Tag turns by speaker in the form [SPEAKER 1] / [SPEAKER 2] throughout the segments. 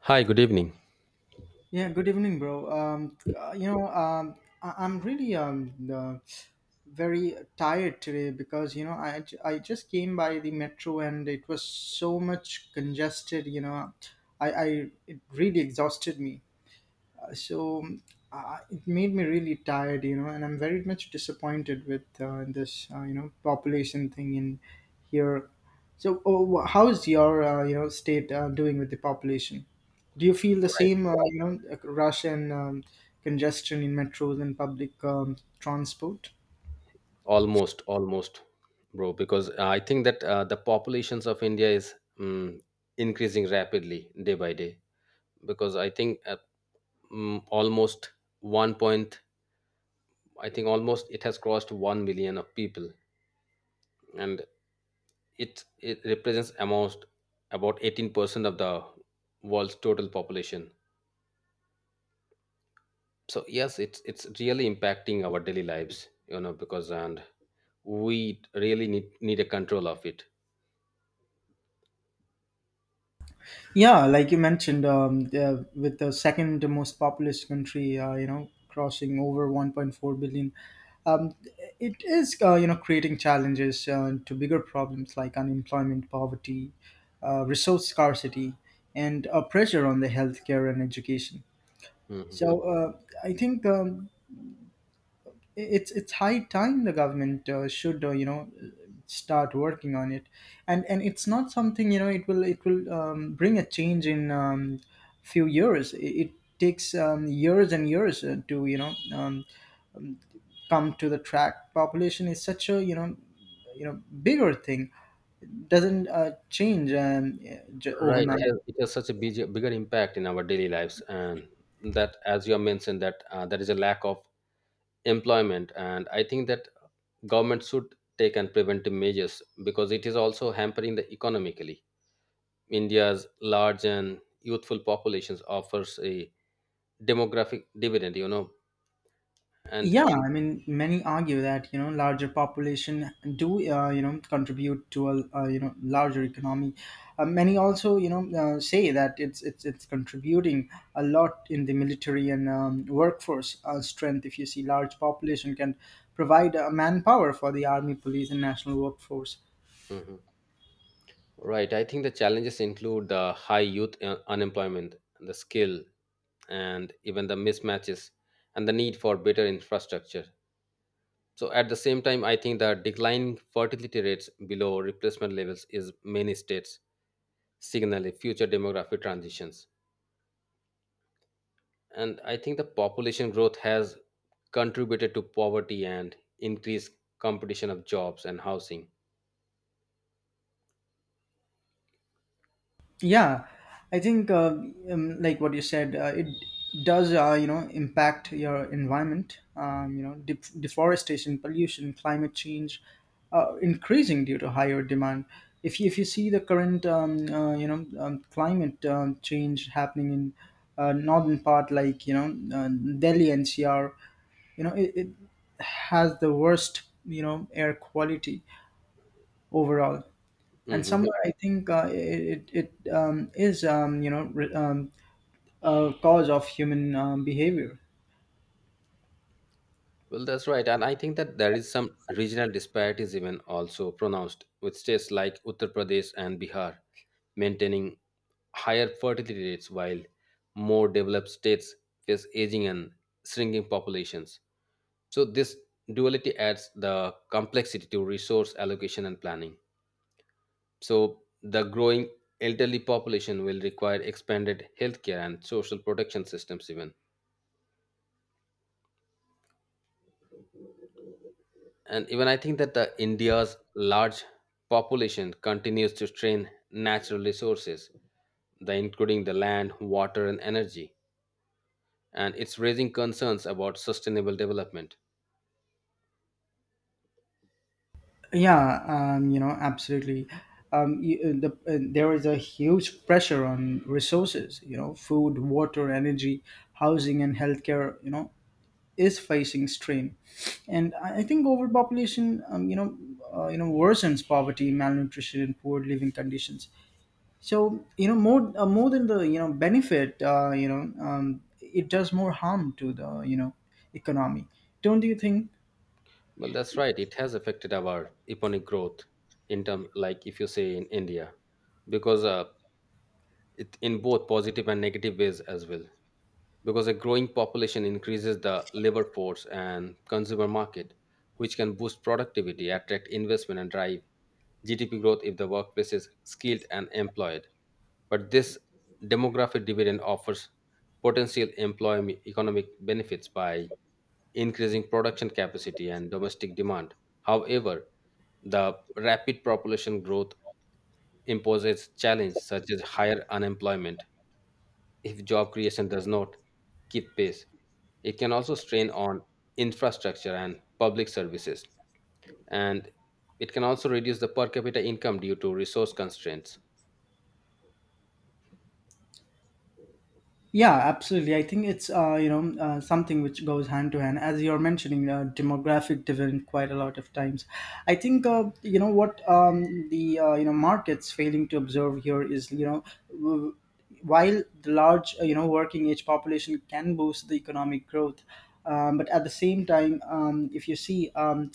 [SPEAKER 1] Hi, good evening.
[SPEAKER 2] Yeah, Good evening, bro. I'm really very tired today because I just came by the metro and it was so much congested. You know, I It really exhausted me, so it made me really tired, and I'm very much disappointed with this population thing in here. So how is your state doing with the population? Do you feel the
[SPEAKER 1] Right.
[SPEAKER 2] same rush and congestion in metros and public transport?
[SPEAKER 1] Almost, almost, bro, because I think that the populations of India is um, increasing rapidly day by day. Because I think almost one point, I think almost it has crossed 1 million of people, and it represents almost about 18% of the world's total population. So yes, it's really impacting our daily lives, because and we really need a control of it.
[SPEAKER 2] Yeah, like you mentioned, with the second most populous country, crossing over 1.4 billion, um, it is, creating challenges to bigger problems like unemployment, poverty, resource scarcity, and pressure on the healthcare and education.
[SPEAKER 1] Mhm.
[SPEAKER 2] So I think it's high time the government should start working on it. And it's not something, it will bring a change in few years. It takes years and years to, come to the track. Population is such a, you know, bigger thing. Doesn't change,
[SPEAKER 1] Right. It
[SPEAKER 2] overnight.
[SPEAKER 1] has, it has such a bigger impact in our daily lives. And that, as you have mentioned, that there is a lack of employment. And I think that government should take and preventive measures because it is also hampering the economically. India's large and youthful populations offers a demographic dividend, you know, and
[SPEAKER 2] Yeah, I mean, many argue that, larger population do contribute to a, larger economy. Many also, say that it's contributing a lot in the military and workforce strength. If you see, large population can provide manpower for the army, police, and national workforce.
[SPEAKER 1] Mhm. Right. I think the challenges include the high youth unemployment, the skill, and even the mismatches and the need for better infrastructure. So at the same time, I think the declining fertility rates below replacement levels is many states signal a future demographic transitions. And I think the population growth has contributed to poverty and increased competition of jobs and housing.
[SPEAKER 2] Yeah, I think, like what you said, it does impact your environment. Deforestation, pollution, climate change, increasing due to higher demand. If you see the current climate change happening in northern part, like, Delhi NCR, you know it has the worst, you know, air quality overall. And
[SPEAKER 1] Hmm.
[SPEAKER 2] somewhere I think is, a cause of human behavior.
[SPEAKER 1] Well, that's right. And I think that there is some regional disparities even also pronounced with states like Uttar Pradesh and Bihar maintaining higher fertility rates, while more developed states face aging and shrinking populations. So, this duality adds the complexity to resource allocation and planning. So, the growing elderly population will require expanded healthcare and social protection systems, even. And even I think that the India's large population continues to strain natural resources, including the land, water, and energy, and it's raising concerns about sustainable development.
[SPEAKER 2] Absolutely. There is a huge pressure on resources, you know, food, water, energy, housing, and healthcare, you know, is facing strain. And I think overpopulation, um, you know worsens poverty, malnutrition, and poor living conditions. So, you know, more than the, you know, benefit, it does more harm to the, you know, economy. Don't you think?
[SPEAKER 1] Well, that's right. It has affected our economic growth in term, like if you say in India, because it in both positive and negative ways as well, because a growing population increases the labor force and consumer market, which can boost productivity, attract investment, and drive GDP growth if the workplace is skilled and employed. But this demographic dividend offers potential employment economic benefits by increasing production capacity and domestic demand. However, the rapid population growth imposes challenges such as higher unemployment, if job creation does not keep pace. It can also strain on infrastructure and public services, and it can also reduce the per capita income due to resource constraints.
[SPEAKER 2] Yeah, absolutely. I think it's, something which goes hand to hand, as you're mentioning, demographic dividend quite a lot of times. I think, you know, markets failing to observe here is, w- while the large, working age population can boost the economic growth. But at the same time, if you see,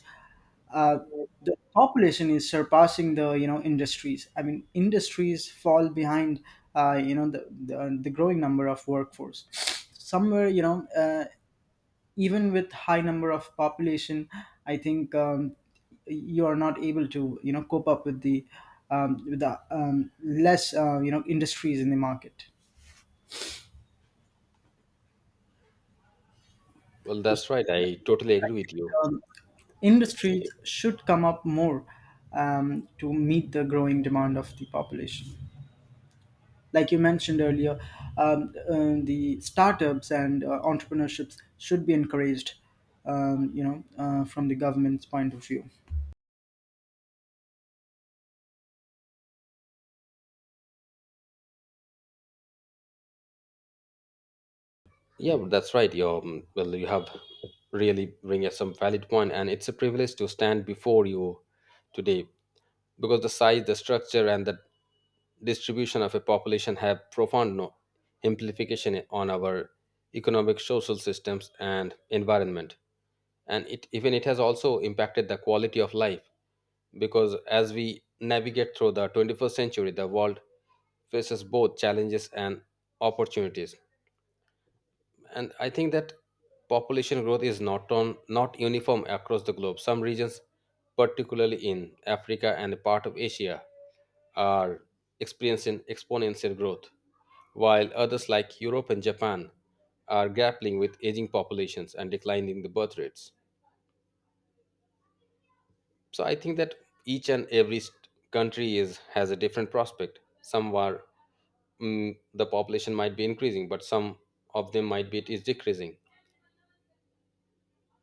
[SPEAKER 2] uh, the population is surpassing the, you know, industries. I mean, industries fall behind the, the growing number of workforce. Somewhere, even with high number of population, I think, you are not able to, you know, cope up with the, less, industries in the market.
[SPEAKER 1] Well,
[SPEAKER 2] So,
[SPEAKER 1] that's right. I totally agree with you.
[SPEAKER 2] um, industries should come up more, to meet the growing demand of the population, like you mentioned earlier. The startups and entrepreneurships should be encouraged, from the government's point of view.
[SPEAKER 1] Yeah, but that's right. Well, you have really bring us some valid point, and it's a privilege to stand before you today, because the size, the structure, and the distribution of a population have profound implication on our economic social systems and environment, and it even it has also impacted the quality of life, because as we navigate through the 21st century, the world faces both challenges and opportunities. And I think that population growth is not on not uniform across the globe. Some regions, particularly in Africa and a part of Asia, are experiencing exponential growth, while others like Europe and Japan are grappling with aging populations and declining the birth rates. So I think that each and every country is has a different prospect. Some are the population might be increasing, but some of them might be it is decreasing.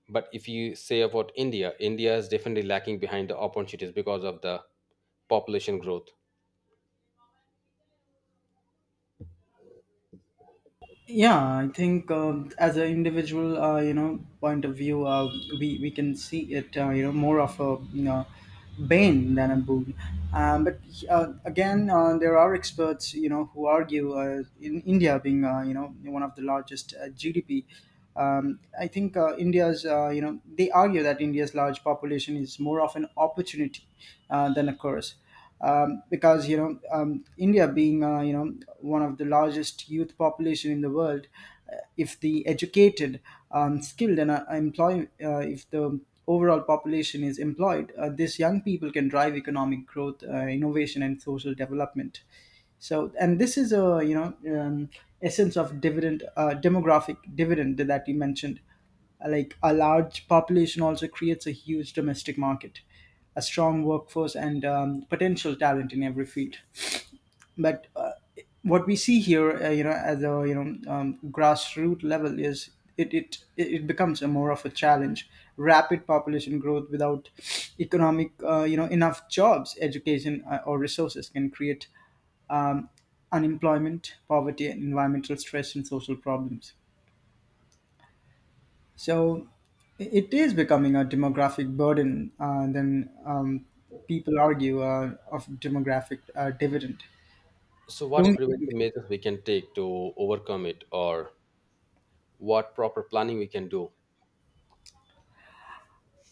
[SPEAKER 1] But if you say about India is definitely lacking behind the opportunities because of the population growth.
[SPEAKER 2] Yeah, I think, as an individual, point of view, we can see it, more of a, you know, bane than a boon. But again, there are experts, you know, who argue, in India being, one of the largest GDP. I think, India's, they argue that India's large population is more of an opportunity than a curse. Because, India being, one of the largest youth population in the world, if the educated, skilled, and if the overall population is employed, these young people can drive economic growth, innovation, and social development. So, and this is a, essence of dividend demographic dividend that you mentioned. Like, a large population also creates a huge domestic market, a strong workforce, and potential talent in every field. But what we see here, at the, grassroots level, is it becomes a more of a challenge. Rapid population growth without economic you know enough jobs, education, or resources, can create, um, unemployment, poverty, and environmental stress and social problems. So it is becoming a demographic burden then people argue of demographic dividend.
[SPEAKER 1] So what
[SPEAKER 2] Don't.
[SPEAKER 1] preventive measures we can take to overcome it, or what proper planning we can do?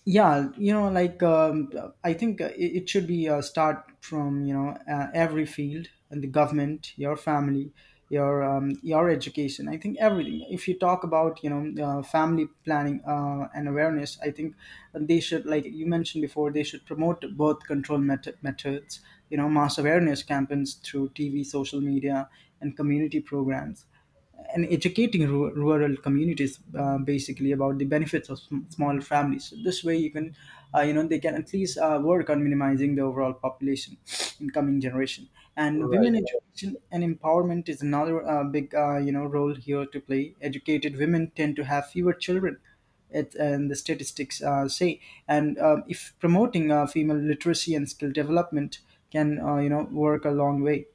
[SPEAKER 2] yeah you know like um, I think, it should be start from, every field: and the government, your family, your, your education. I think everything. If you talk about, family planning and awareness, I think they should, like you mentioned before, they should promote birth control methods, you know, mass awareness campaigns through TV, social media, and community programs, and rural communities basically about the benefits of small families. So this way you can, they can at least work on minimizing the overall population in coming generation. And
[SPEAKER 1] Right,
[SPEAKER 2] women education and empowerment is another big, role here to play. Educated women tend to have fewer children, and the statistics say. And if promoting female literacy and skill development can, work a long way.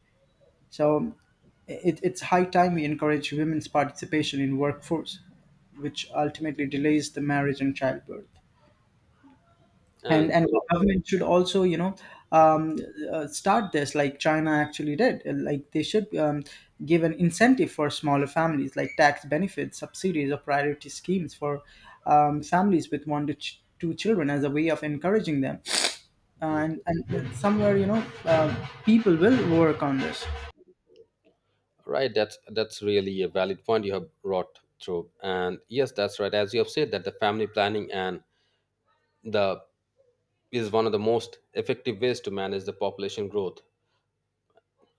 [SPEAKER 2] So, it's high time we encourage women's participation in workforce, which ultimately delays the marriage and childbirth. And
[SPEAKER 1] and
[SPEAKER 2] and the government should also, you know, um, start this like China actually did. Like, they should, give an incentive for smaller families, like tax benefits, subsidies, or priority schemes for, families with one to two children, as a way of encouraging them. And somewhere, you know, uh, people will work on this.
[SPEAKER 1] right, that's really a valid point you have brought through. And yes, that's right, as you have said that the family planning and the is one of the most effective ways to manage the population growth.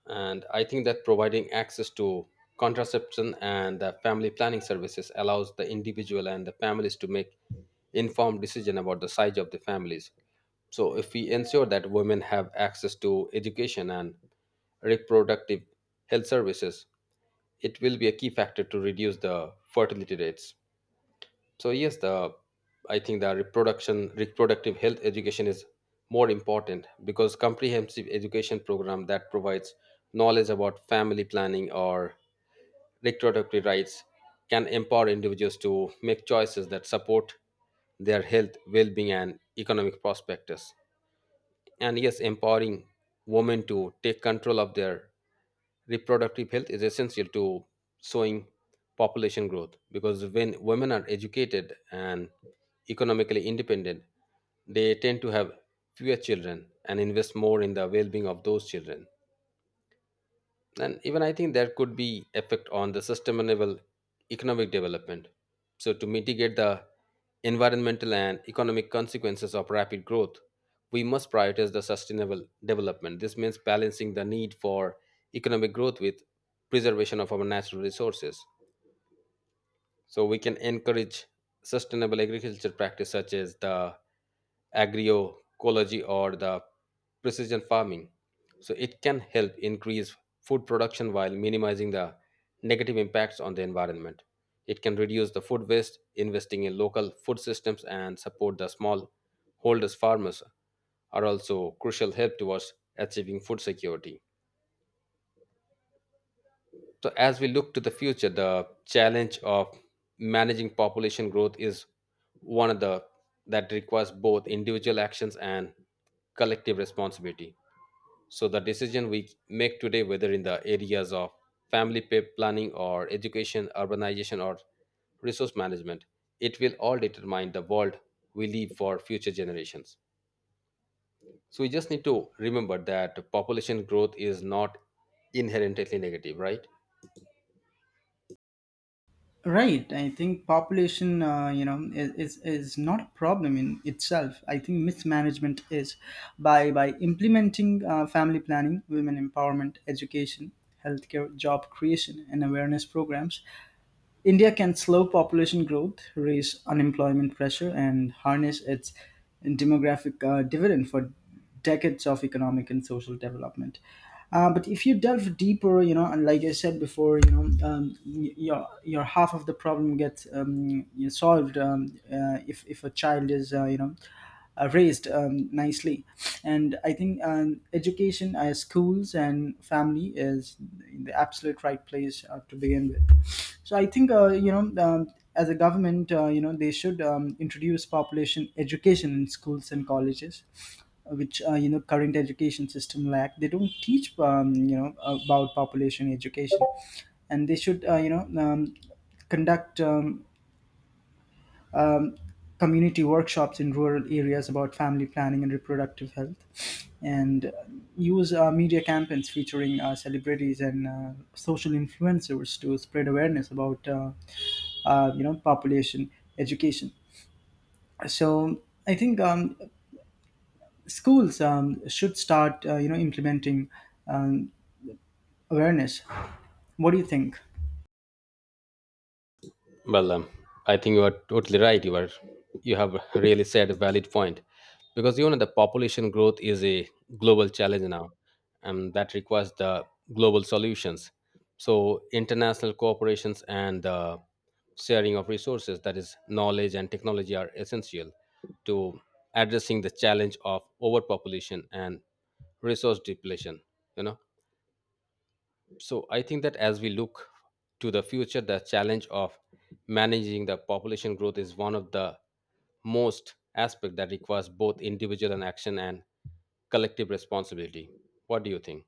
[SPEAKER 1] And I think that providing access to contraception and family planning services allows the individual and the families to make informed decision about the size of the families. So if we ensure that women have access to education and reproductive health services, it will be a key factor to reduce the fertility rates. So yes, the I think the reproduction reproductive health education is more important, because comprehensive education program that provides knowledge about family planning or reproductive rights can empower individuals to make choices that support their health, well-being, and economic prospects. And yes, empowering women to take control of their reproductive health is essential to slowing population growth, because when women are educated and economically independent, they tend to have fewer children and invest more in the well-being of those children. And even I think there could be effect on the sustainable economic development. So to mitigate the environmental and economic consequences of rapid growth, we must prioritize the sustainable development. This means balancing the need for economic growth with preservation of our natural resources. So we can encourage sustainable agriculture practice such as the agroecology or the precision farming. So it can help increase food production while minimizing the negative impacts on the environment. It can reduce the food waste, investing in local food systems, and support the small holders farmers are also crucial help towards achieving food security. So, as we look to the future, the challenge of managing population growth is one of the that requires both individual actions and collective responsibility. So, the decision we make today, whether in the areas of family planning or education, urbanization, or resource management, it will all determine the world we leave for future generations. So, we just need to remember that population growth is not inherently negative, right?
[SPEAKER 2] Right. I think population, is not a problem in itself. I think mismanagement is, by implementing family planning, women empowerment, education, healthcare, job creation, and awareness programs, India can slow population growth, raise unemployment pressure, and harness its demographic dividend for decades of economic and social development. But if you delve deeper, you know, and like I said before, you know, your half of the problem gets, solved, if a child is, raised nicely. And I think, education, schools, and family is the absolute right place to begin with. So I think, as a government, they should, introduce population education in schools and colleges, which, current education system lack. They don't teach, about population education. And they should, conduct, um, community workshops in rural areas about family planning and reproductive health, and use media campaigns featuring celebrities and social influencers to spread awareness about. Population education. So I think, schools, should start, implementing, um, awareness. What do you think?
[SPEAKER 1] Well, I think you are totally right. You have really said a valid point, because you know the population growth is a global challenge now, and that requires the global solutions. So international cooperations and the sharing of resources, that is knowledge and technology, are essential to addressing the challenge of overpopulation and resource depletion. You know, so I think that as we look to the future, the challenge of managing the population growth is one of the most aspect that requires both individual and action and collective responsibility. What do you think?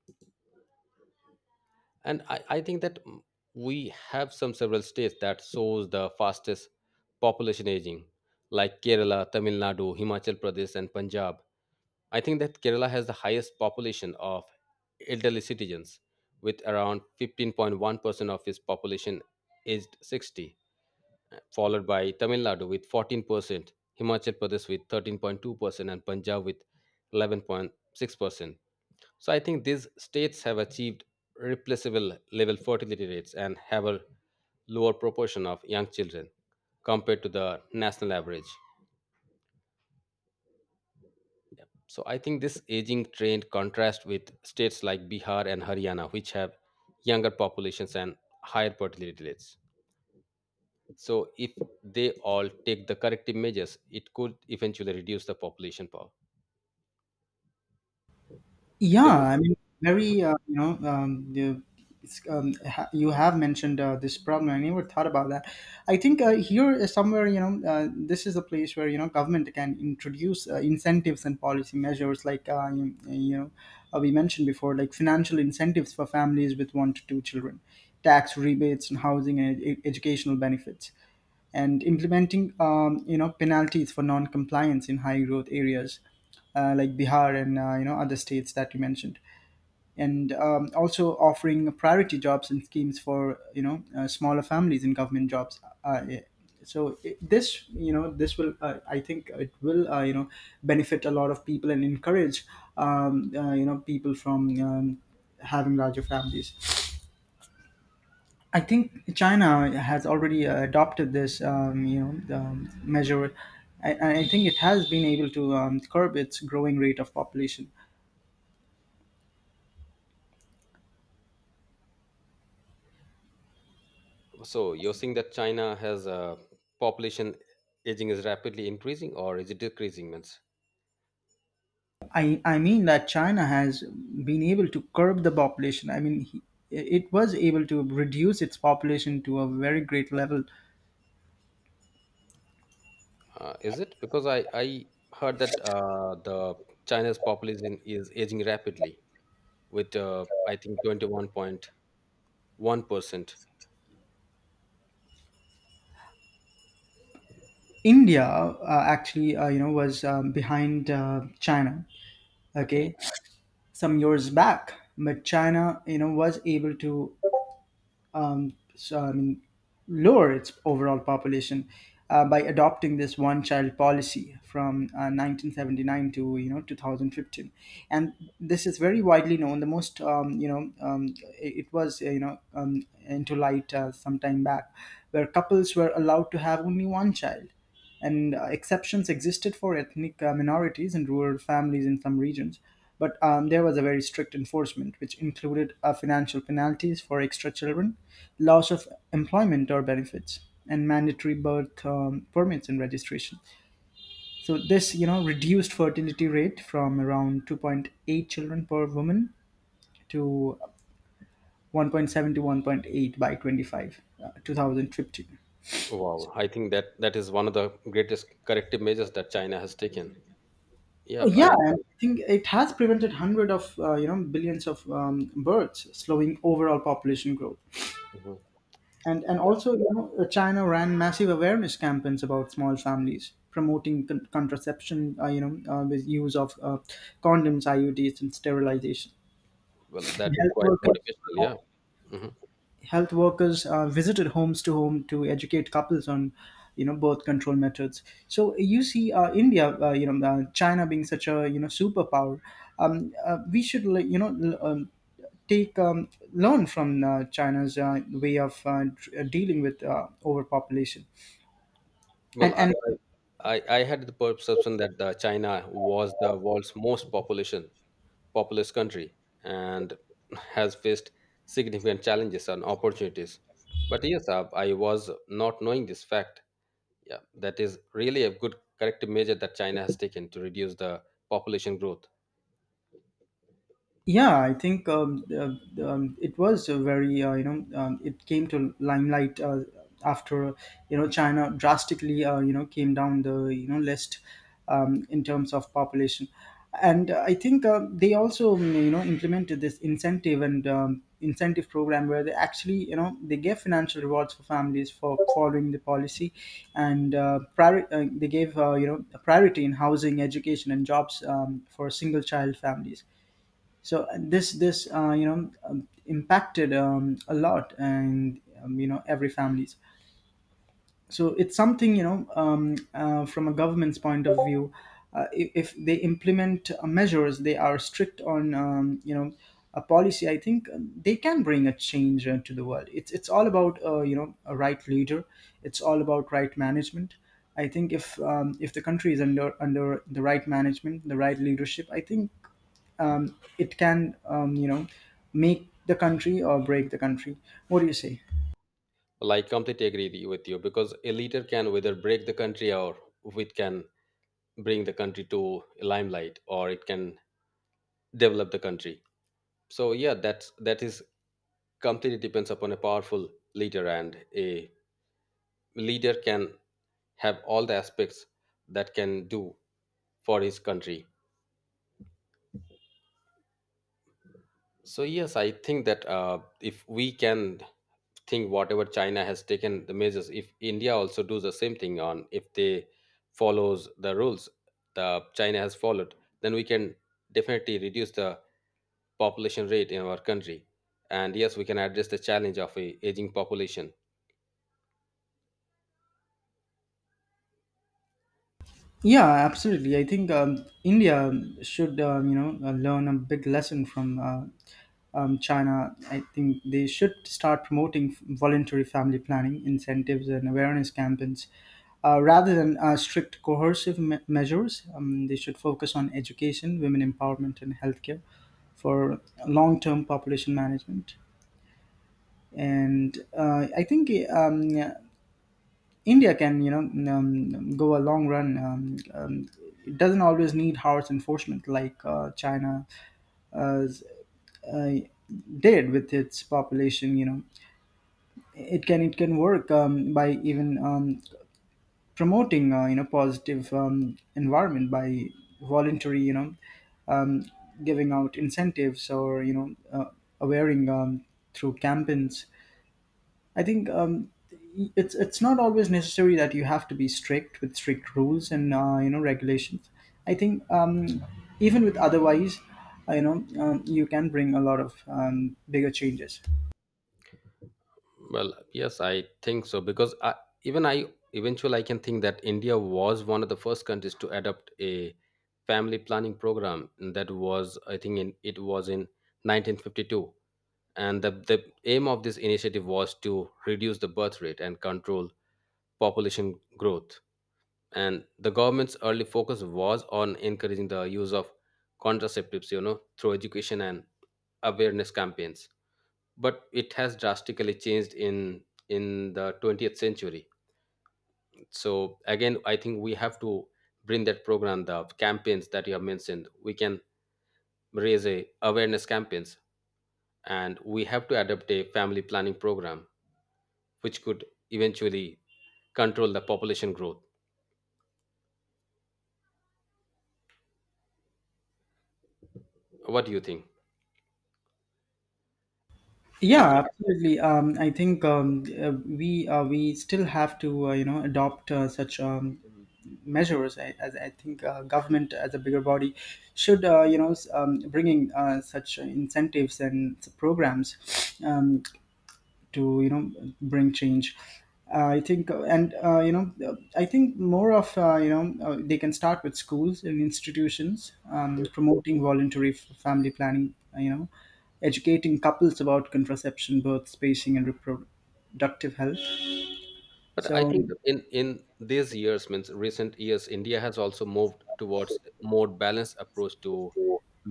[SPEAKER 1] And I think that we have some several states that shows the fastest population aging, like Kerala, Tamil Nadu, Himachal Pradesh, and Punjab. I think that Kerala has the highest population of elderly citizens with around 15.1% of its population aged 60, followed by Tamil Nadu with 14%, Himachal Pradesh with 13.2%, and Punjab with 11.6%. So I think these states have achieved replaceable level fertility rates and have a lower proportion of young children compared to the national average. So I think this aging trend contrasts with states like Bihar and Haryana, which have younger populations and higher fertility rates. So if they all take the corrective measures, it could eventually reduce the population power.
[SPEAKER 2] Yeah,
[SPEAKER 1] Is it?
[SPEAKER 2] I mean, very, it's, you have mentioned this problem. I never thought about that. I think here is somewhere, you know, this is a place where, you know, government can introduce incentives and policy measures, like, we mentioned before, like financial incentives for families with one to two children, tax rebates and housing and educational benefits, and implementing, penalties for non-compliance in high growth areas like Bihar and, other states that you mentioned, and also offering priority jobs and schemes for, smaller families in government jobs. Yeah. So this, you know, this will, I think it will, benefit a lot of people and encourage, people from, having larger families. I think China has already adopted this, measure. I think it has been able to, curb its growing rate of population.
[SPEAKER 1] So you're saying that China has a population aging is rapidly increasing or is it decreasing means?
[SPEAKER 2] I mean that China has been able to curb the population. I mean, it was able to reduce its population to a very great level.
[SPEAKER 1] Is it? Because I heard that the China's population is aging rapidly with, I think, 21.1%.
[SPEAKER 2] India actually, was behind China.
[SPEAKER 1] Okay.
[SPEAKER 2] Okay, some years back, but China, you know, was able to um, so I mean, lower its overall population by adopting this one-child policy from 1979 to 2015, and this is very widely known. The most it was into light some time back, where couples were allowed to have only one child and exceptions existed for ethnic minorities and rural families in some regions. But there was a very strict enforcement, which included financial penalties for extra children, loss of employment or benefits, and mandatory birth permits and registration. So this reduced fertility rate from around 2.8 children per woman to 1.7 to 1.8 by 2015.
[SPEAKER 1] Wow. I think that that is one of the greatest corrective measures that China has taken. Yep.
[SPEAKER 2] Yeah,
[SPEAKER 1] And
[SPEAKER 2] and I think it has prevented hundred of billions of births, slowing overall population growth.
[SPEAKER 1] Mhm.
[SPEAKER 2] And
[SPEAKER 1] Yeah,
[SPEAKER 2] also, you know, China ran massive awareness campaigns about small families, promoting contraception, with use of condoms, IUDs, and sterilization.
[SPEAKER 1] well, that is
[SPEAKER 2] Health
[SPEAKER 1] quite
[SPEAKER 2] workers
[SPEAKER 1] motivational. Yeah. Hmm.
[SPEAKER 2] health workers visited homes to educate couples on birth control methods. So you see, India, China being such a, you know, superpower, we should, like, take, learn from China's way of dealing with overpopulation.
[SPEAKER 1] Well, I,
[SPEAKER 2] And
[SPEAKER 1] I, I I had the perception that the China was the world's most population populous country and has faced significant challenges and opportunities. But yes, I was not knowing this fact. Yeah, that is really a good corrective measure that China has taken to reduce the population growth.
[SPEAKER 2] Yeah, I think it was a very, it came to limelight after, you know, China drastically, came down the, you know, list in terms of population, and I think they also, implemented this incentive program, where they actually, you know, they gave financial rewards for families for following the policy, and they gave, a priority in housing, education, and jobs for single child families. So this impacted a lot, and, every families. So it's something, from a government's point of view, I- if they implement measures, they are strict on, a policy, I think they can bring a change to the world. It's all about, a right leader. It's all about right management. I think if the country is under the right management, the right leadership, I think um, it can, make the country or break the country. What do you say?
[SPEAKER 1] Well, I completely agree with you because a leader can either break the country or it can bring the country to limelight or it can develop the country. So yeah, that is completely depends upon a powerful leader, and a leader can have all the aspects that can do for his country. So yes, I think that if we can think whatever China has taken the measures, if India also does the same thing on if they follows the rules the China has followed, then we can definitely reduce the population rate in our country. And yes, we can address the challenge of a aging population.
[SPEAKER 2] Yeah, absolutely. I think India should, learn a big lesson from, China. I think they should start promoting voluntary family planning incentives and awareness campaigns, rather than strict coercive measures. Um, they should focus on education, women empowerment, and healthcare for long-term population management. And I think India can, go a long run. It doesn't always need harsh enforcement like China uh, uh, did with its population. You know, it can work by even, promoting positive environment by voluntary, um, giving out incentives, or, awaring through campaigns. I think it's not always necessary that you have to be strict with strict rules and, regulations. I think even with otherwise, you can bring a lot of bigger changes.
[SPEAKER 1] Well, yes, I think so because even I eventually I can think that India was one of the first countries to adopt a family planning program, and that was I think it was in 1952. And the aim of this initiative was to reduce the birth rate and control population growth. And the government's early focus was on encouraging the use of contraceptives through education and awareness campaigns. But it has drastically changed in the 20th century. So again, I think we have to bring that program, the campaigns that you have mentioned. We can raise a awareness campaigns, and we have to adopt a family planning program which could eventually control the population growth. What do you think? And
[SPEAKER 2] Yeah, absolutely. I think we still have to you know adopt such measures. I, as I think government as a bigger body should you know s- bringing such incentives and programs um, to you know bring change I think and you know I think more of you know they can start with schools and institutions promoting voluntary f- family planning you know educating couples about contraception birth spacing and reproductive health
[SPEAKER 1] but I
[SPEAKER 2] so
[SPEAKER 1] think that in these years, means recent years, India has also moved towards more balanced approach to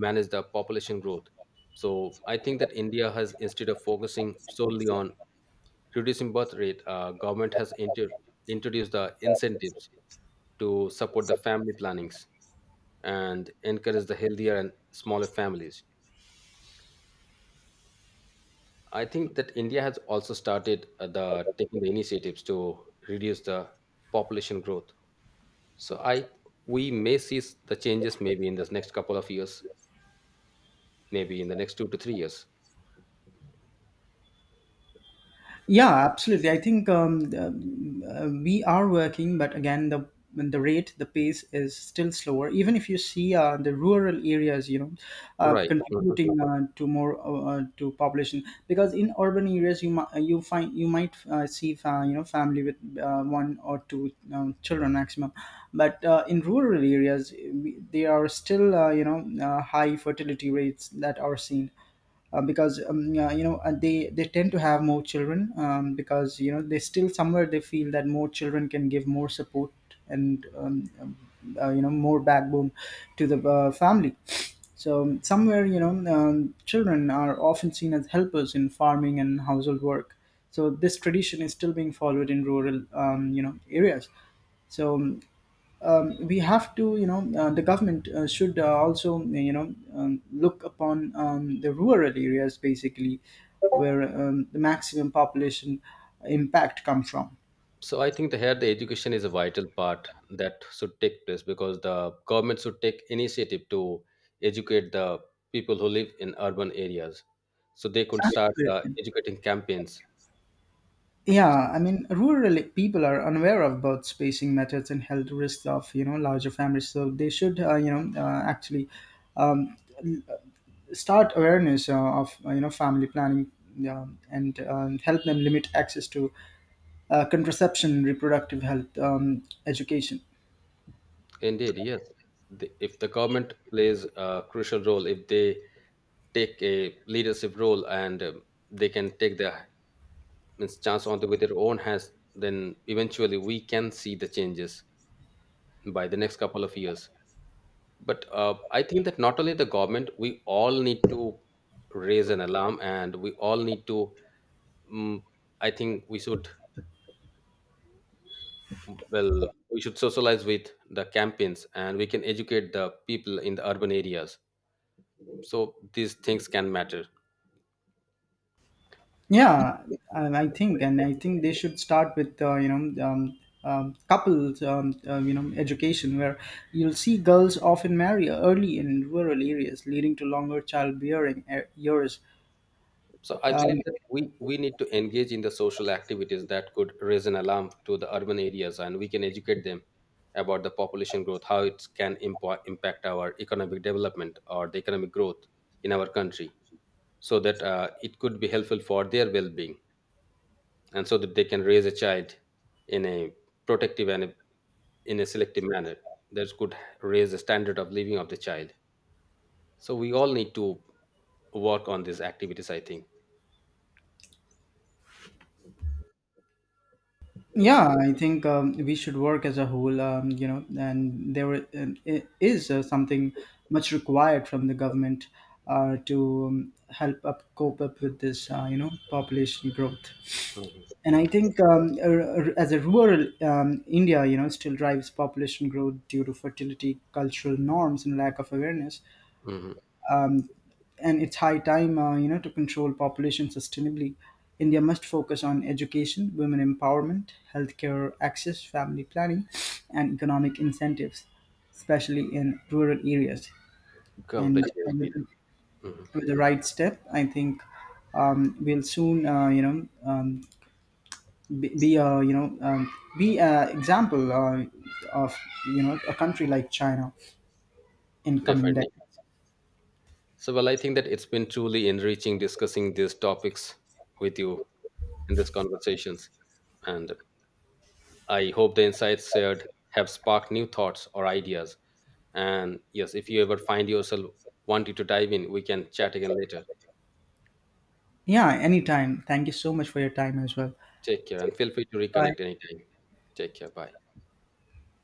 [SPEAKER 1] manage the population growth. So I think that India has, instead of focusing solely on reducing birth rate, government has introduced the incentives to support the family plannings and encourage the healthier and smaller families. I think that India has also started the taking the initiatives to reduce the population growth. So I we may see the changes maybe in this next couple of years, maybe in the next 2 to 3 years.
[SPEAKER 2] Yeah, absolutely. I think we are working, but again, the rate, the pace is still slower. Even if you see the rural areas, you know,
[SPEAKER 1] Right. Mhm.
[SPEAKER 2] contributing to more, to population, because in urban areas you find, you might see, family with one or two children maximum, but in rural areas they are still, high fertility rates that are seen, because they tend to have more children, because, you know, they still somewhere they feel that more children can give more support, and more backbone to the family. So somewhere, children are often seen as helpers in farming and household work. So this tradition is still being followed in rural, areas. So we have to, you know, the government should also, you know, look upon the rural areas basically, where the maximum population impact come from.
[SPEAKER 1] So I think the here the education is a vital part that should take place, because the government should take initiative to educate the people who live in urban areas, so they could start
[SPEAKER 2] Absolutely.
[SPEAKER 1] educating campaigns.
[SPEAKER 2] Yeah, I mean, rural people are unaware of birth spacing methods and health risks of, you know, larger families. So they should, actually, um, l- start awareness of, family planning, and help them limit access to contraception, reproductive health, education.
[SPEAKER 1] Indeed, yes. If the government plays a crucial role, if they take a leadership role and they can take the means chance onto with their own hands, then eventually we can see the changes by the next couple of years. But I think that not only the government, we all need to raise an alarm, and we all need to. Mm. I think we should well, we should socialize with the campaigns, and we can educate the people in the urban areas. So these things can matter.
[SPEAKER 2] Yeah, and I think they should start with, couples, education, where you'll see girls often marry early in rural areas, leading to longer childbearing years.
[SPEAKER 1] So I
[SPEAKER 2] Um,
[SPEAKER 1] believe that we need to engage in the social activities that could raise an alarm to the urban areas, and we can educate them about the population growth, how it can impact our economic development or the economic growth in our country, so that it could be helpful for their well-being, and so that they can raise a child in a protective and in a selective manner that could raise the standard of living of the child. So we all need to work on these activities, I think.
[SPEAKER 2] yeah, I think we should work as a whole, and there were- and I- is something much required from the government to help up cope up with this, population growth.
[SPEAKER 1] Mhm.
[SPEAKER 2] And I think as a rural India, you know, still drives population growth due to fertility, cultural norms, and lack of awareness.
[SPEAKER 1] Mhm.
[SPEAKER 2] Um, and it's high time, to control population sustainably. India must focus on education, women empowerment, healthcare access, family planning, and economic incentives, especially in rural areas. And
[SPEAKER 1] Completely
[SPEAKER 2] with,
[SPEAKER 1] agreed. Mhm.
[SPEAKER 2] with the right step, I think we'll soon, be a, be a example of, you know, a country like China in coming day.
[SPEAKER 1] Definitely. So, well, I think that it's been truly enriching discussing these topics with you in these conversations. And I hope the insights shared have sparked new thoughts or ideas. And yes, if you ever find yourself wanting to dive in, we can chat again later.
[SPEAKER 2] Yeah, anytime. Thank you so much for your time as well.
[SPEAKER 1] Take care and feel free to
[SPEAKER 2] Bye.
[SPEAKER 1] reconnect anytime. Take care. Bye.